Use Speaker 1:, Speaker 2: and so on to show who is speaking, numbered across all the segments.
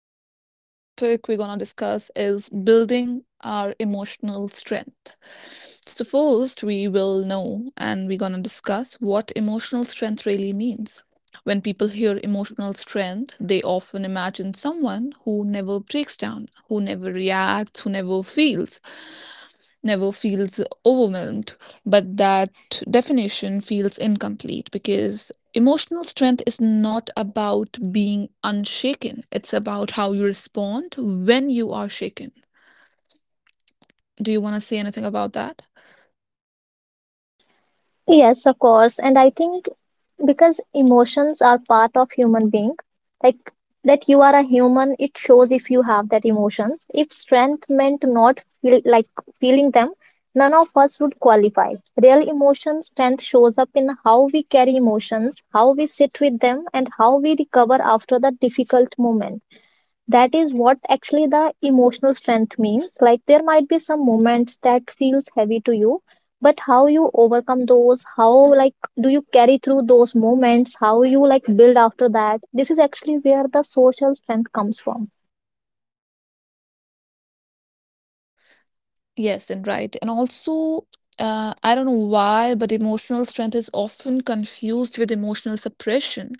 Speaker 1: Hello, the topic we're going to discuss is building our emotional strength. So, first, we will know and we're going to discuss what emotional strength really means. When people hear emotional strength, they often imagine someone who never breaks down, who never reacts, who never feels overwhelmed, but that definition feels incomplete because emotional strength is not about being unshaken, it's about how you respond when you are shaken. Do you want to say anything about that?
Speaker 2: Yes, of course. And I think because emotions are part of human being, like that you are a human, it shows if you have that emotions. If strength meant not feel feeling them, none of us would qualify. Real emotion strength shows up in how we carry emotions, how we sit with them, and how we recover after the difficult moment. That is what actually the emotional strength means. There might be some moments that feels heavy to you, but how you overcome those, how, like do you carry through those moments, how you build after that. This is actually where the social strength comes from.
Speaker 1: Yes, and right. And also, I don't know why, but emotional strength is often confused with emotional suppression.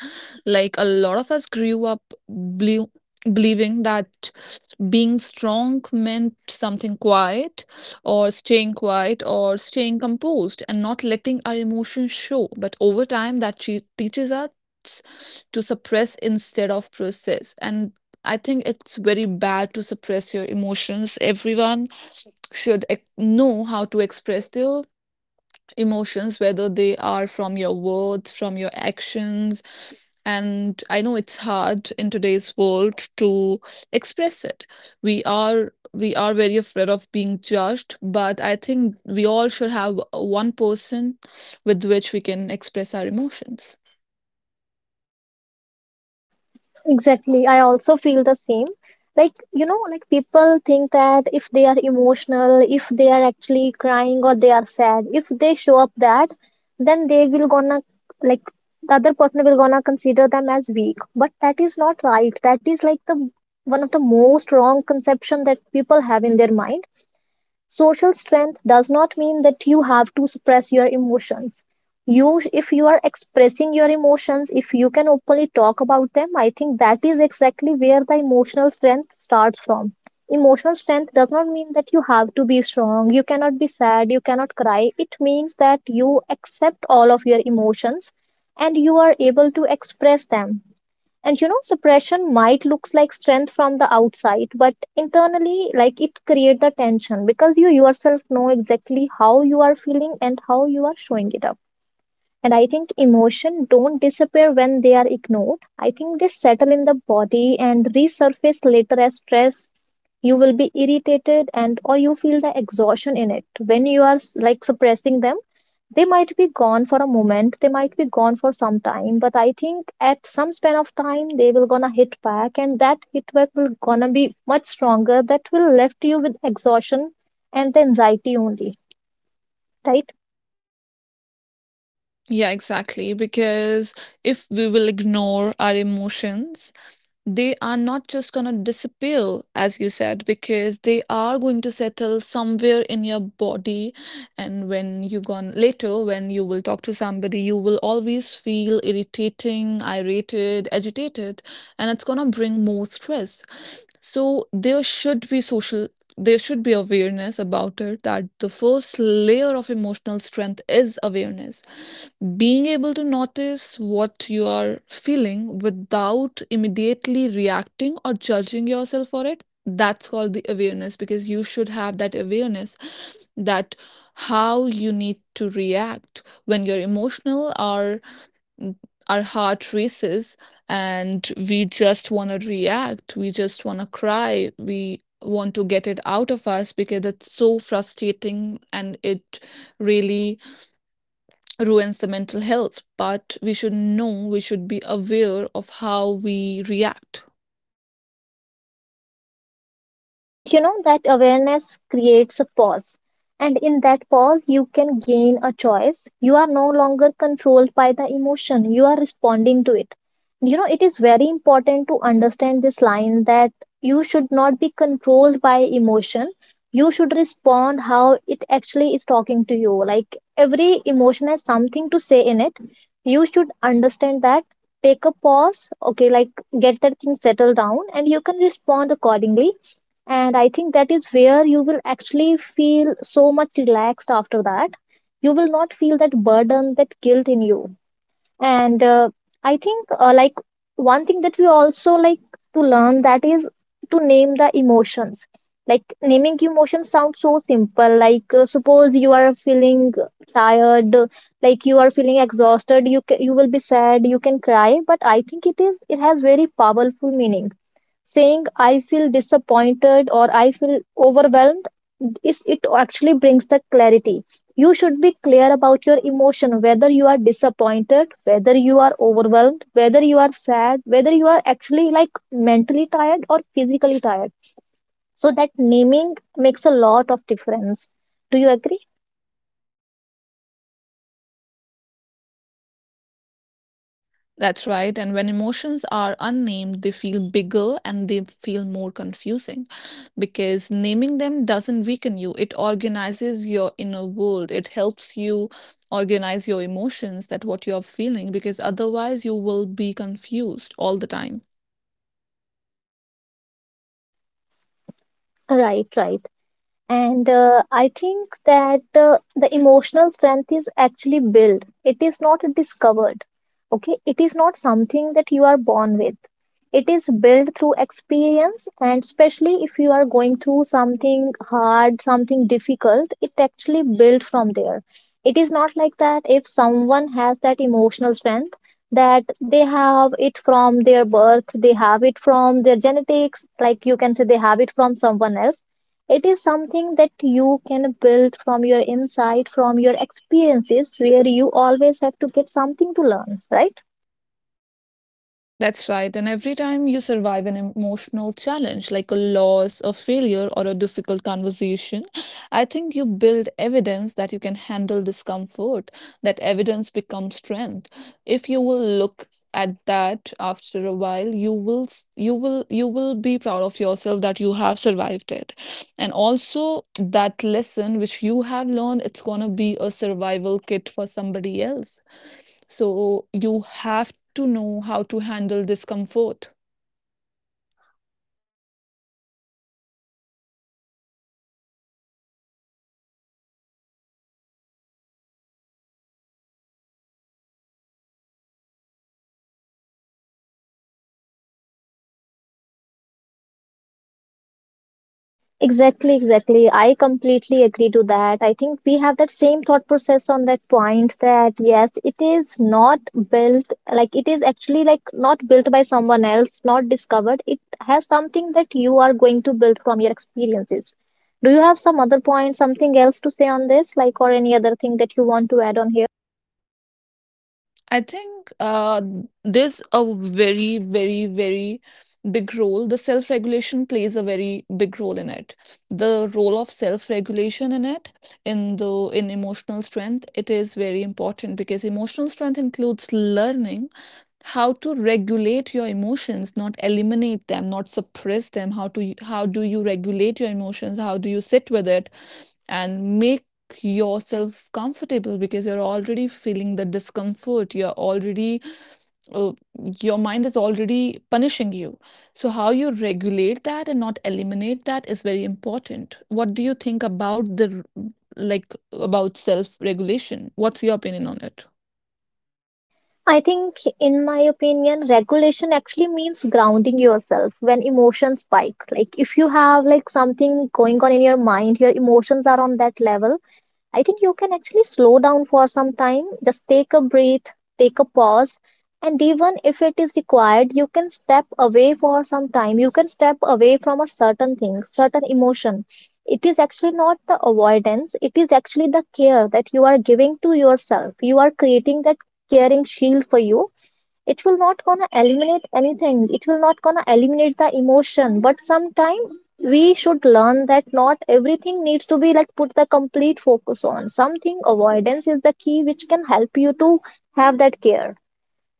Speaker 1: Like a lot of us grew up believe, believing that being strong meant something quiet, or staying composed, and not letting our emotions show. But over time, that teaches us to suppress instead of process. And I think it's very bad to suppress your emotions. Everyone should know how to express their emotions, whether they are from your words, from your actions. And I know it's hard in today's world to express it. We are very afraid of being judged, but I think we all should have one person with which we can express our emotions.
Speaker 2: Exactly. I also feel the same. Like, you know, like people think that if they are emotional, if they are actually crying or they are sad, if they show up that, then they will gonna, like the other person will gonna consider them as weak. But that is not right. That is like the one of the most wrong conception that people have in their mind. Social strength does not mean that you have to suppress your emotions. You, if you are expressing your emotions, if you can openly talk about them, I think that is exactly where the emotional strength starts from. Emotional strength does not mean that you have to be strong, you cannot be sad, you cannot cry. It means that you accept all of your emotions and you are able to express them. And you know suppression might looks like strength from the outside, but internally, it create the tension, because you yourself know exactly how you are feeling and how you are showing it up. And I think emotion don't disappear when they are ignored. I think they settle in the body and resurface later as stress. You will be irritated, and or you feel the exhaustion in it when you are suppressing them. They might be gone for a moment, they might be gone for some time, but I think at some span of time they will gonna hit back, and that hit back will gonna be much stronger, that will left you with exhaustion and the anxiety only, right?
Speaker 1: Yeah, exactly. Because if we will ignore our emotions, they are not just going to disappear, as you said, because they are going to settle somewhere in your body. And when you gone later, when you will talk to somebody, you will always feel irritating, irritated, agitated, and it's going to bring more stress. So there should be social. There should be awareness about it that the first layer of emotional strength is awareness. Being able to notice what you are feeling without immediately reacting or judging yourself for it, that's called the awareness because you should have that awareness that how you need to react when you're emotional or our heart races, and we just want to react, we just want to cry, we want to get it out of us because it's so frustrating and it really ruins the mental health. But we should know, we should be aware of how we react.
Speaker 2: And you know that awareness creates a pause. And in that pause, you can gain a choice. You are no longer controlled by the emotion, you are responding to it. You know, it is very important to understand this line that you should not be controlled by emotion. You should respond how it actually is talking to you. Like every emotion has something to say in it. You should understand that. Take a pause, okay, get that thing settled down, and you can respond accordingly. And I think that is where you will actually feel so much relaxed after that. You will not feel that burden, that guilt in you. And I think one thing that we also to learn, that is to name the emotions. Like naming emotions sounds so simple. Suppose you are feeling tired, like you are feeling exhausted, you will be sad, you can cry, but I think it is, it has very powerful meaning. Saying I feel disappointed or I feel overwhelmed, is it actually brings the clarity. You should be clear about your emotion, whether you are disappointed, whether you are overwhelmed, whether you are sad, whether you are actually like mentally tired or physically tired. So that naming makes a lot of difference. Do you agree?
Speaker 1: That's right, and when emotions are unnamed they feel bigger and they feel more confusing because naming them doesn't weaken you, it organizes your inner world. It helps you organize your emotions, that what you're feeling, because otherwise you will be confused all the time.
Speaker 2: Right, right. And I think that the emotional strength is actually built. It is not discovered. Okay. It is not something that you are born with. It is built through experience. And especially if you are going through something hard, something difficult, it actually built from there. It is not like that if someone has that emotional strength that they have it from their birth, they have it from their genetics, like you can say they have it from someone else. It is something that you can build from your insight, from your experiences, where you always have to get something to learn, right?
Speaker 1: That's right. And every time you survive an emotional challenge, like a loss, a failure, or a difficult conversation, I think you build evidence that you can handle discomfort. That evidence becomes strength. If you will look at that after a while, you will be proud of yourself that you have survived it. And also that lesson which you have learned, it's gonna be a survival kit for somebody else. So you have to know how to handle discomfort.
Speaker 2: Exactly, exactly. I completely agree to that. I think we have that same thought process on that point, that yes, it is not built, like it is actually like not built by someone else, not discovered. It has something that you are going to build from your experiences. Do you have some other point, something else to say on this, like, or any other thing that you want to add on here?
Speaker 1: I think there's a very big role. The self regulation plays a very big role in it. The role of self regulation in it, in emotional strength, it is very important because emotional strength includes learning how to regulate your emotions, not eliminate them, not suppress them. How do you regulate your emotions? How do you sit with it and make yourself comfortable? Because you're already feeling the discomfort, you're already, uh, your mind is already punishing you. So, how you regulate that and not eliminate that is very important. What do you think about like about self regulation? What's your opinion on it?
Speaker 2: I think, in my opinion, regulation actually means grounding yourself when emotions spike. Like, if you have like something going on in your mind, your emotions are on that level, I think you can actually slow down for some time, just take a breath, take a pause, and even if it is required, you can step away for some time. You can step away from a certain thing, certain emotion. It is actually not the avoidance, it is actually the care that you are giving to yourself. You are creating that caring shield for you. It will not gonna eliminate anything, it will not gonna eliminate the emotion, but sometime we should learn that not everything needs to be put the complete focus on something. Avoidance is the key which can help you to have that care.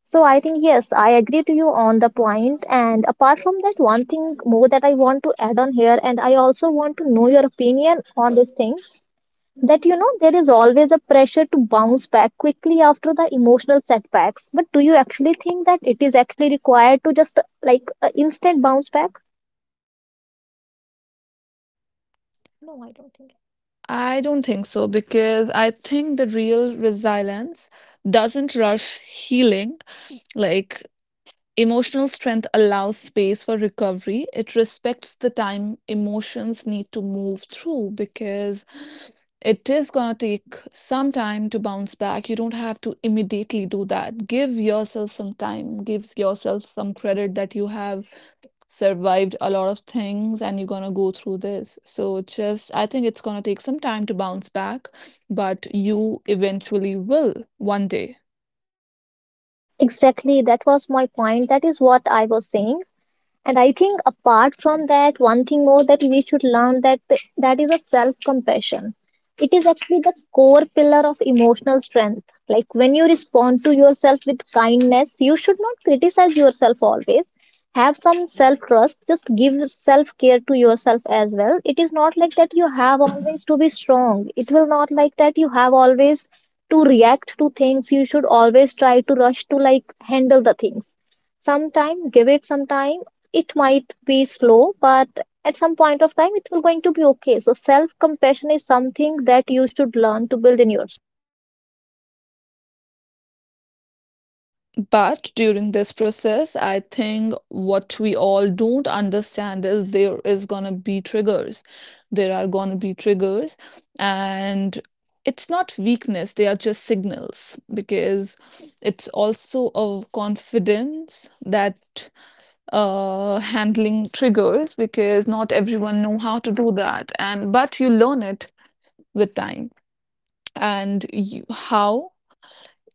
Speaker 2: So I think yes, I agree to you on the point. And apart from that, one thing more that I want to add on here, and I also want to know your opinion on this thing, that you know there is always a pressure to bounce back quickly after the emotional setbacks, but do you actually think that it is actually required to just instant bounce back?
Speaker 1: I don't think so because I think the real resilience doesn't rush healing. Like emotional strength allows space for recovery, it respects the time emotions need to move through because it is going to take some time to bounce back. You don't have to immediately do that. Give yourself some time, gives yourself some credit that you have survived a lot of things and you're gonna go through this. So just I think it's gonna take some time to bounce back, but you eventually will one day.
Speaker 2: Exactly, that was my point, that is what I was saying. And I think apart from that, one thing more that we should learn, that that is a self-compassion. It is actually the core pillar of emotional strength. Like when you respond to yourself with kindness, you should not criticize yourself always. Have some self-trust. Just give self-care to yourself as well. It is not like that you have always to be strong. It will not like that you have always to react to things. You should always try to rush to handle the things. Some time, give it some time. It might be slow, but at some point of time it will going to be okay. So self compassion is something that you should learn to build in yourself.
Speaker 1: But during this process, I think what we all don't understand is there is gonna be triggers. There are gonna be triggers, and it's not weakness, they are just signals because it's also a confidence that, handling triggers because not everyone know how to do that, and but you learn it with time. And you, how,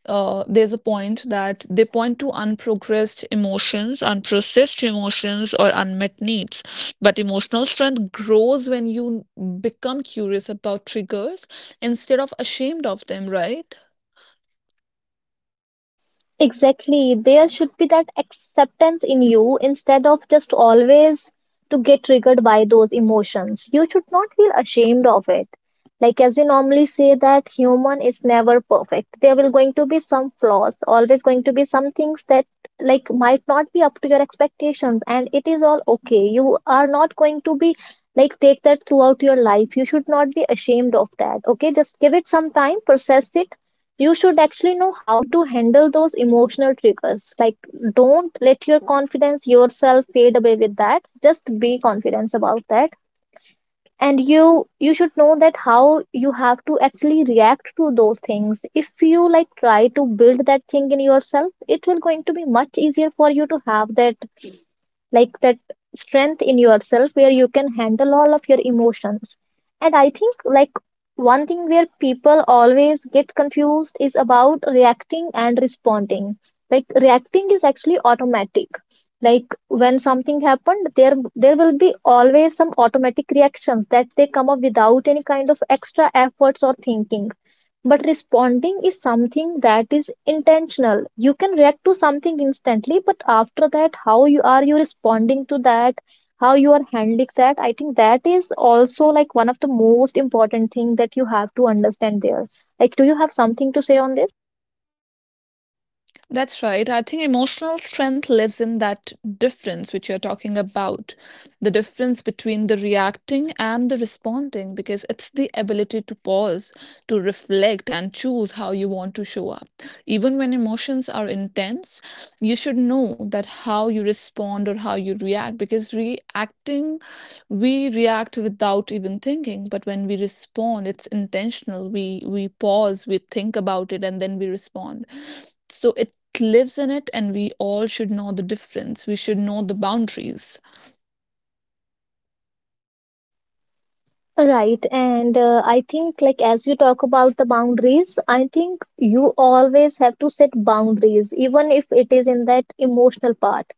Speaker 1: there's a point that they point to unprocessed emotions, or unmet needs. But emotional strength grows when you become curious about triggers instead of ashamed of them, right?
Speaker 2: Exactly. There should be that acceptance in you instead of just always to get triggered by those emotions. You should not feel ashamed of it. Like as we normally say that human is never perfect. There will going to be some flaws, always going to be some things that like might not be up to your expectations, and it is all okay. You are not going to be take that throughout your life. You should not be ashamed of that. Okay, just give it some time, process it. You should actually know how to handle those emotional triggers. Like, don't let your confidence yourself fade away with that. Just be confident about that. And you should know that how you have to actually react to those things. If you try to build that thing in yourself, it will going to be much easier for you to have that like that strength in yourself where you can handle all of your emotions. And I think one thing where people always get confused is about reacting and responding. Like reacting is actually automatic, like when something happened, there will be always some automatic reactions that they come up without any kind of extra efforts or thinking. But responding is something that is intentional. You can react to something instantly, but after that, how you are you responding to that, how you are handling that, I think that is also like one of the most important thing that you have to understand there. Like, do you have something to say on this?
Speaker 1: That's right. I think emotional strength lives in that difference which you're talking about, the difference between the reacting and the responding, because it's the ability to pause, to reflect, and choose how you want to show up. Even when emotions are intense, you should know that how you respond or how you react, because reacting, we react without even thinking, but when we respond it's intentional, we pause, we think about it, and then we respond. So it lives in it, and we all should know the difference, we should know the boundaries.
Speaker 2: Right, and I think as you talk about the boundaries, I think you always have to set boundaries, even if it is in that emotional part.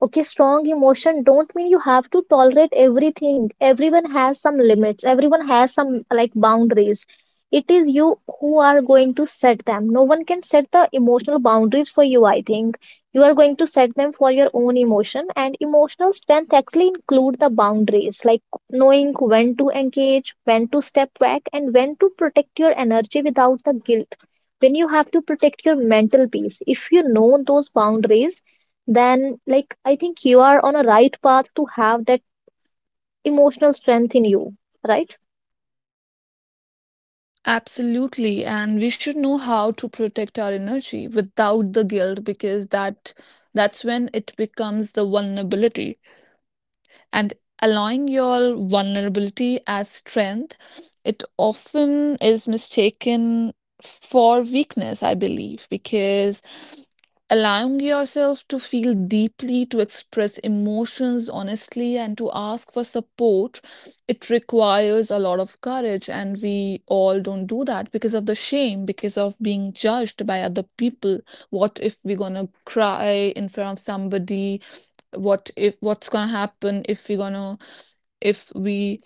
Speaker 2: Okay, strong emotion don't mean you have to tolerate everything. Everyone has some limits. Everyone has some like boundaries. It is you who are going to set them. No one can set the emotional boundaries for you, I think. You are going to set them for your own emotion, and emotional strength actually include the boundaries. Like knowing when to engage, when to step back, and when to protect your energy without the guilt. When you have to protect your mental peace, if you know those boundaries, then like I think you are on a right path to have that emotional strength in you, right?
Speaker 1: Absolutely, and we should know how to protect our energy without the guilt, because that, that's when it becomes the vulnerability, and allowing your vulnerability as strength, it often is mistaken for weakness I believe, because allowing yourself to feel deeply, to express emotions honestly, and to ask for support, it requires a lot of courage, and we all don't do that because of the shame, because of being judged by other people. What if we're gonna cry in front of somebody? What if, what's going to happen if we're going to, if we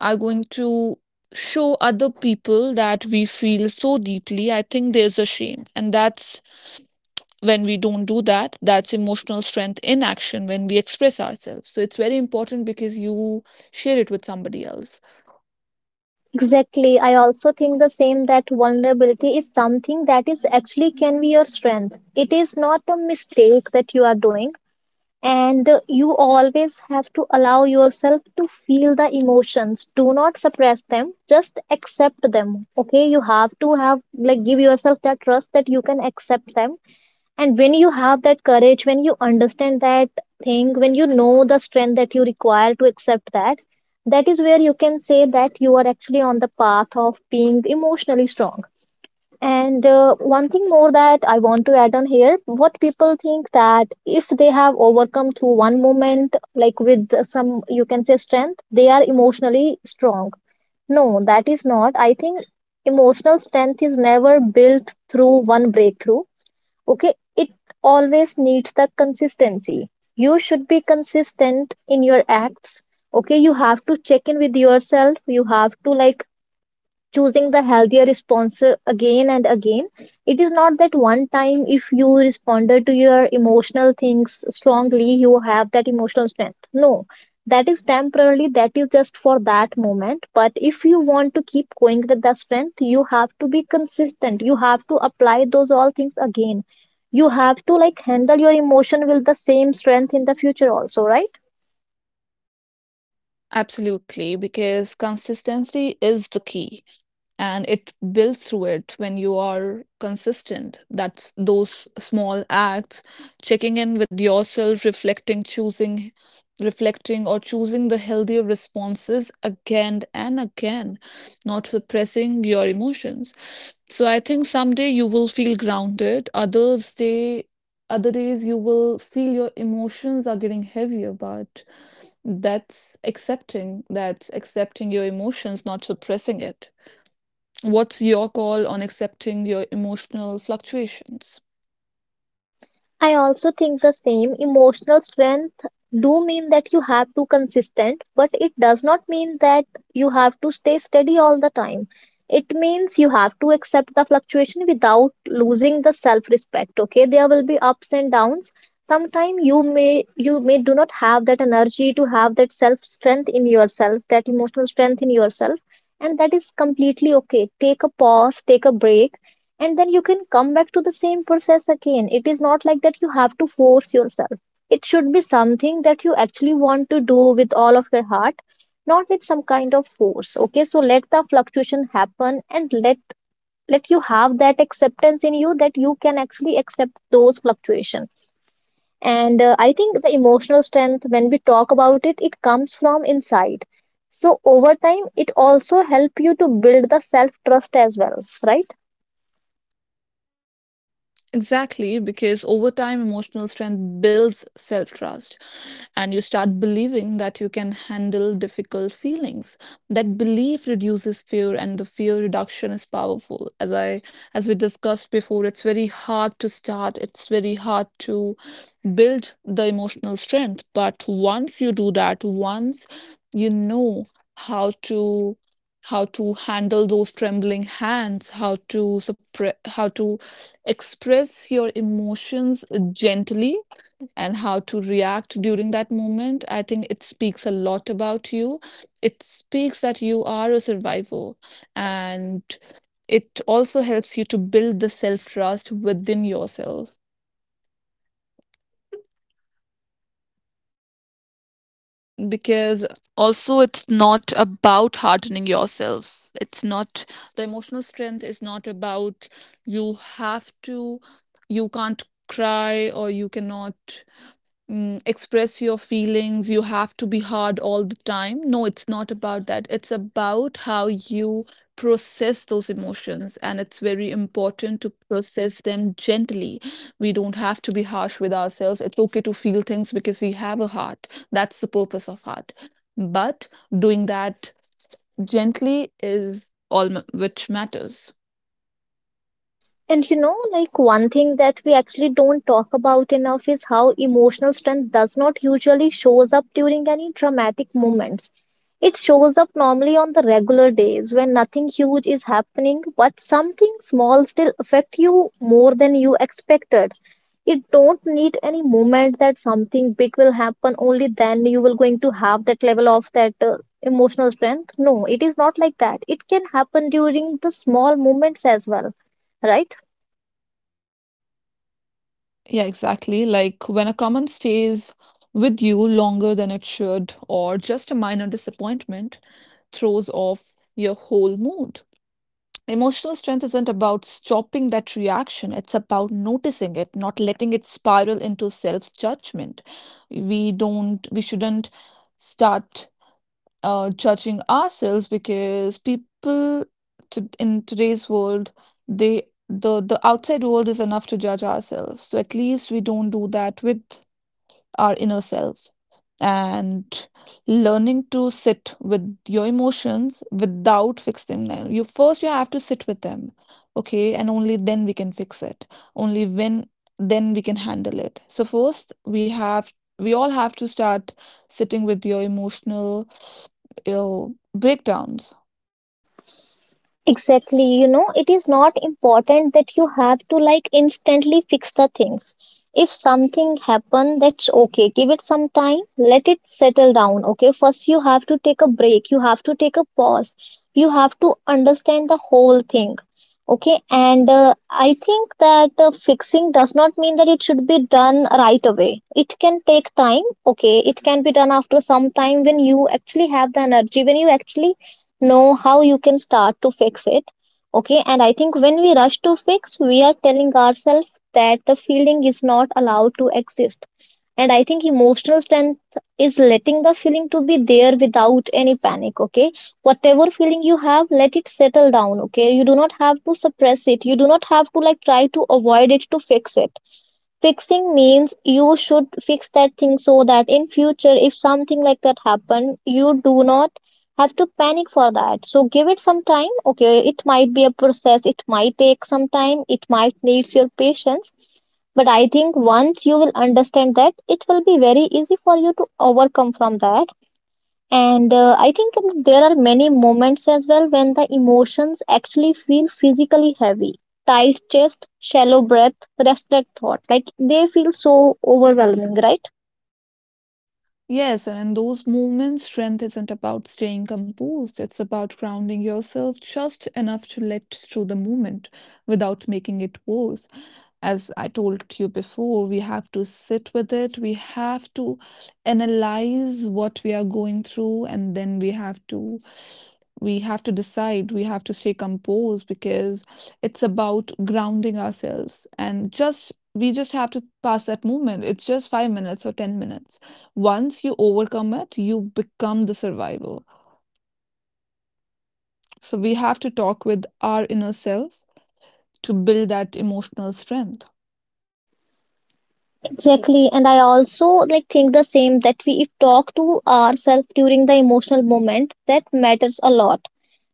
Speaker 1: are going to show other people that we feel so deeply? I think there's a shame, and that's when we don't do that. That's emotional strength in action, when we express ourselves. So it's very important because you share it with somebody else.
Speaker 2: Exactly. I also think the same that vulnerability is something that is actually can be your strength. It is not a mistake that you are doing, and you always have to allow yourself to feel the emotions, do not suppress them, just accept them. Okay, you have to have like give yourself that trust that you can accept them. And when you have that courage, when you understand that thing, when you know the strength that you require to accept that, that is where you can say that you are actually on the path of being emotionally strong. And one thing more that I want to add on here, what people think that if they have overcome through one moment, like with some, you can say strength, they are emotionally strong. No, that is not. I think emotional strength is never built through one breakthrough. Okay, it always needs the consistency. You should be consistent in your acts. Okay, you have to check in with yourself. You have to like choosing the healthier response again and again. It is not that one time if you responded to your emotional things strongly you have that emotional strength, no, that is temporarily, that is just for that moment. But if you want to keep going with the strength, you have to be consistent, you have to apply those all things again. You have to like handle your emotion with the same strength in the future also, right?
Speaker 1: Absolutely, because consistency is the key, and it builds through it when you are consistent. That's those small acts, checking in with yourself, reflecting, choosing reflecting or choosing the healthier responses again and again, not suppressing your emotions. So I think someday you will feel grounded, other days you will feel your emotions are getting heavier, but that's accepting, that's accepting your emotions, not suppressing it. What's your call on accepting your emotional fluctuations?
Speaker 2: I also think the same emotional strength do mean that you have to consistent, but it does not mean that you have to stay steady all the time. It means you have to accept the fluctuation without losing the self respect. Okay, there will be ups and downs. Sometimes you may, you may do not have that energy to have that self strength in yourself, that emotional strength in yourself, and that is completely okay. Take a pause, take a break, and then you can come back to the same process again. It is not like that you have to force yourself. It should be something that you actually want to do with all of your heart, not with some kind of force. Okay, so let the fluctuation happen, and let you have that acceptance in you that you can actually accept those fluctuations. And I think the emotional strength, when we talk about it, it comes from inside, so over time it also help you to build the self trust as well, right?
Speaker 1: Exactly, because over time, emotional strength builds self trust, and you start believing that you can handle difficult feelings. That belief reduces fear, and the fear reduction is powerful. As we discussed before, it's very hard to start. It's very hard to build the emotional strength. But once you do that, once you know how to how to handle those trembling hands, how to suppress, how to express your emotions gently, and how to react during that moment, I think it speaks a lot about you. It speaks that you are a survivor, and it also helps you to build the self trust within yourself. Because also it's not about hardening yourself, it's not, the emotional strength is not about, you have to, you can't cry, or you cannot, express your feelings, you have to be hard all the time. No, it's not about that. It's about how you process those emotions, and it's very important to process them gently. We don't have to be harsh with ourselves, it's okay to feel things because we have a heart. That's the purpose of heart. But doing that gently is all which matters.
Speaker 2: And you know, like one thing that we actually don't talk about enough is how emotional strength does not usually shows up during any dramatic moments. It shows up normally on the regular days when nothing huge is happening, but something small still affect you more than you expected. You don't need any moment that something big will happen. Only then you will going to have that level of that emotional strength. No, it is not like that. It can happen during the small moments as well, right?
Speaker 1: Yeah, exactly. Like when a comment stays with you longer than it should, or just a minor disappointment throws off your whole mood. Emotional strength isn't about stopping that reaction, it's about noticing it, not letting it spiral into self judgment. We shouldn't start judging ourselves, because people, in today's world, the outside world is enough to judge ourselves, so at least we don't do that with our inner self. And learning to sit with your emotions without fixing them, you first, you have to sit with them, okay, and only then we can fix it. Only when Then we can handle it. So first we have, we all have to start sitting with your emotional, breakdowns.
Speaker 2: Exactly, you know, it is not important that you have to like instantly fix the things. If something happen, that's okay. Give it some time, let it settle down, okay? First, you have to take a break, you have to take a pause, you have to understand the whole thing, okay? And I think that fixing does not mean that it should be done right away. It can take time, okay? It can be done after some time when you actually have the energy, when you actually know how you can start to fix it. Okay, and I think when we rush to fix, we are telling ourselves that the feeling is not allowed to exist. And I think emotional strength is letting the feeling to be there without any panic. Okay, whatever feeling you have, let it settle down. Okay, you do not have to suppress it. You do not have to like try to avoid it to fix it. Fixing means you should fix that thing so that in future if something like that happen, you do not have to panic for that. So give it some time. Okay, it might be a process. It might take some time. It might needs your patience. But I think once you will understand that, it will be very easy for you to overcome from that. And I think there are many moments as well when the emotions actually feel physically heavy. Tight chest, shallow breath, restless thought. Like they feel so overwhelming, right?
Speaker 1: Yes, and in those moments, strength isn't about staying composed. It's about grounding yourself just enough to let through the moment without making it worse. As I told you before, we have to sit with it. We have to analyze what we are going through, and then we have to decide. We have to stay composed because it's about grounding ourselves, and just we just have to pass that moment. It's just 5 minutes or 10 minutes. Once you overcome it, you become the survivor. So we have to talk with our inner self to build that emotional strength.
Speaker 2: Exactly. And I also like think the same that we if talk to ourselves during the emotional moment, that matters a lot.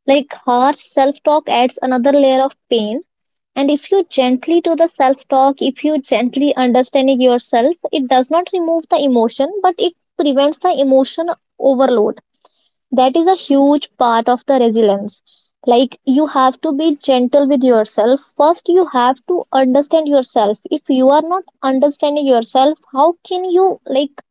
Speaker 2: Like harsh self-talk adds another layer of pain. And if you gently do the self talk, if you gently understanding yourself, it does not remove the emotion, but it prevents the emotion overload. That is a huge part of the resilience. Like you have to be gentle with yourself. First, you have to understand yourself. If you are not understanding yourself, how can you like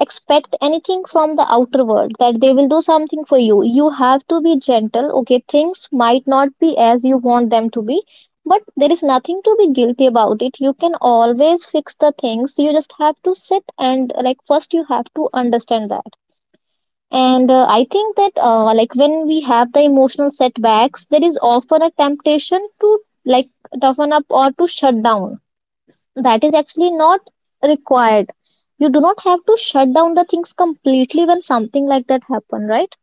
Speaker 2: expect anything from the outer world that they will do something for you. You have to be gentle. Okay, things might not be as you want them to be, but there is nothing to be guilty about it. You can always fix the things. You just have to sit and like first you have to understand that. And I think that like when we have the emotional setbacks, there is often a temptation to like toughen up or to shut down. That is actually not required. You do not have to shut down the things completely when something like that happen, right?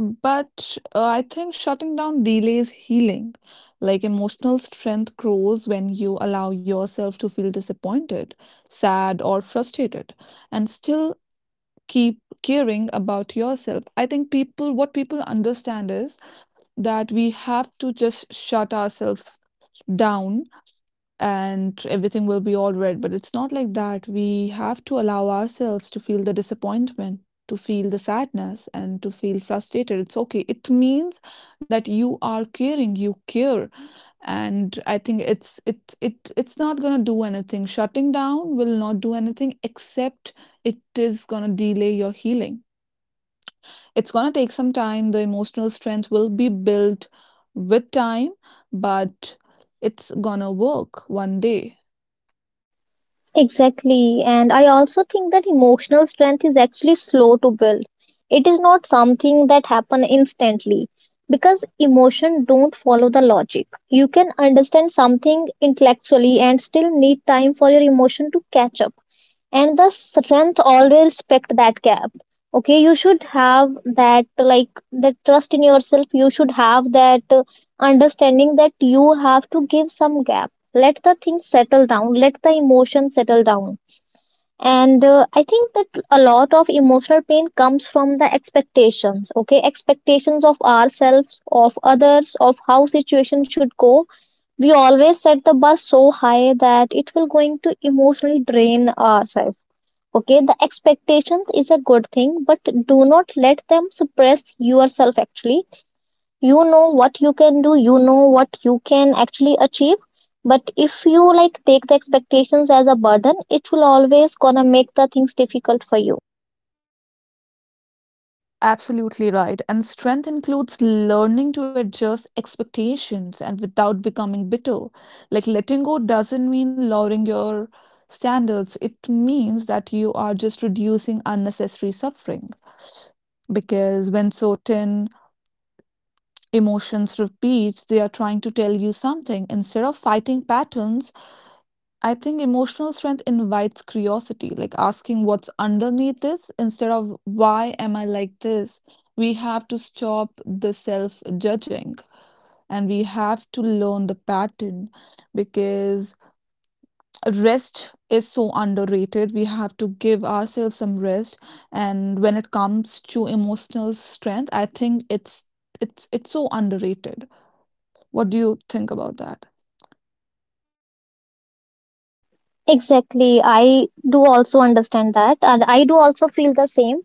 Speaker 1: But I think shutting down delays healing. Like emotional strength grows when you allow yourself to feel disappointed, sad, or frustrated, and still keep caring about yourself. I think people, what people understand is that we have to just shut ourselves down, and everything will be all red. But it's not like that. We have to allow ourselves to feel the disappointment, to feel the sadness, and to feel frustrated. It's okay. It means that you are caring, you care. And I think it's it it it's not gonna do anything. Shutting down will not do anything, except it is gonna delay your healing. It's going to take some time. The emotional strength will be built with time, but it's going to work one day.
Speaker 2: Exactly, and I also think that emotional strength is actually slow to build. It is not something that happen instantly because emotion don't follow the logic. You can understand something intellectually and still need time for your emotion to catch up, and the strength always respect that gap. Okay, you should have that like the trust in yourself, you should have that understanding that you have to give some gap, let the thing settle down, let the emotion settle down. And I think that a lot of emotional pain comes from the expectations. Okay, expectations of ourselves, of others, of how situation should go. We always set the bar so high that it will going to emotionally drain ourselves. Okay, the expectations is a good thing, but do not let them suppress yourself actually. You know what you can do, you know what you can actually achieve, but if you like take the expectations as a burden, it will always gonna make the things difficult for you.
Speaker 1: Absolutely right. And strength includes learning to adjust expectations and without becoming bitter. Like letting go doesn't mean lowering your standards, it means that you are just reducing unnecessary suffering. Because when certain emotions repeat, they are trying to tell you something. Instead of fighting patterns, I think emotional strength invites curiosity, like asking what's underneath this instead of why am I like this. We have to stop the self judging, and we have to learn the pattern, because rest is so underrated. We have to give ourselves some rest. And when it comes to emotional strength, I think it's so underrated. What do you think about that?
Speaker 2: Exactly, I do also understand that, and I do also feel the same,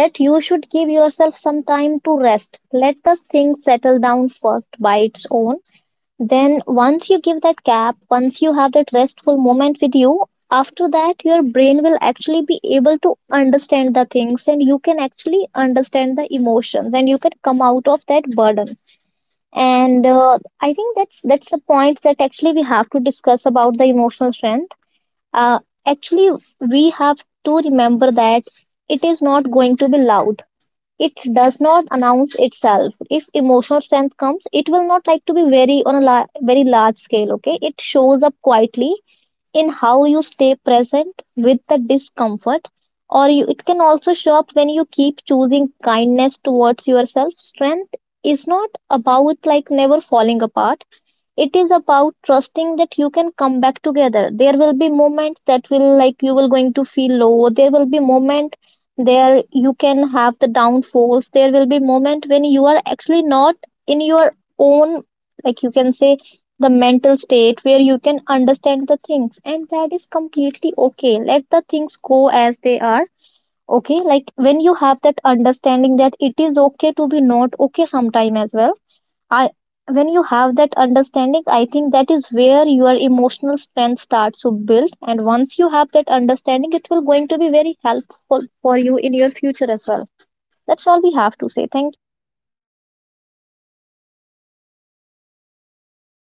Speaker 2: that you should give yourself some time to rest, let the thing settle down first by its own. Then, once you give that gap, once you have that restful moment with you, after that, your brain will actually be able to understand the things and you can actually understand the emotions and you can come out of that burden. And I think that's a point that actually we have to discuss about the emotional strength. Uh, Actually, we have to remember that it is not going to be loud, it does not announce itself. If emotional strength comes, it will not like to be very on a very large scale. Okay, it shows up quietly in how you stay present with the discomfort, or it can also show up when you keep choosing kindness towards yourself. Strength is not about like never falling apart, it is about trusting that you can come back together. There will be moments that will like you will going to feel low. There will be moment there you can have the downfalls. There will be moment when you are actually not in your own, like you can say, the mental state where you can understand the things, and that is completely okay. Let the things go as they are. Okay, like when you have that understanding that it is okay to be not okay sometime as well, I when you have that understanding, I think that is where your emotional strength starts to build. And once you have that understanding, it will going to be very helpful for you in your future as well. That's all we have to say. Thank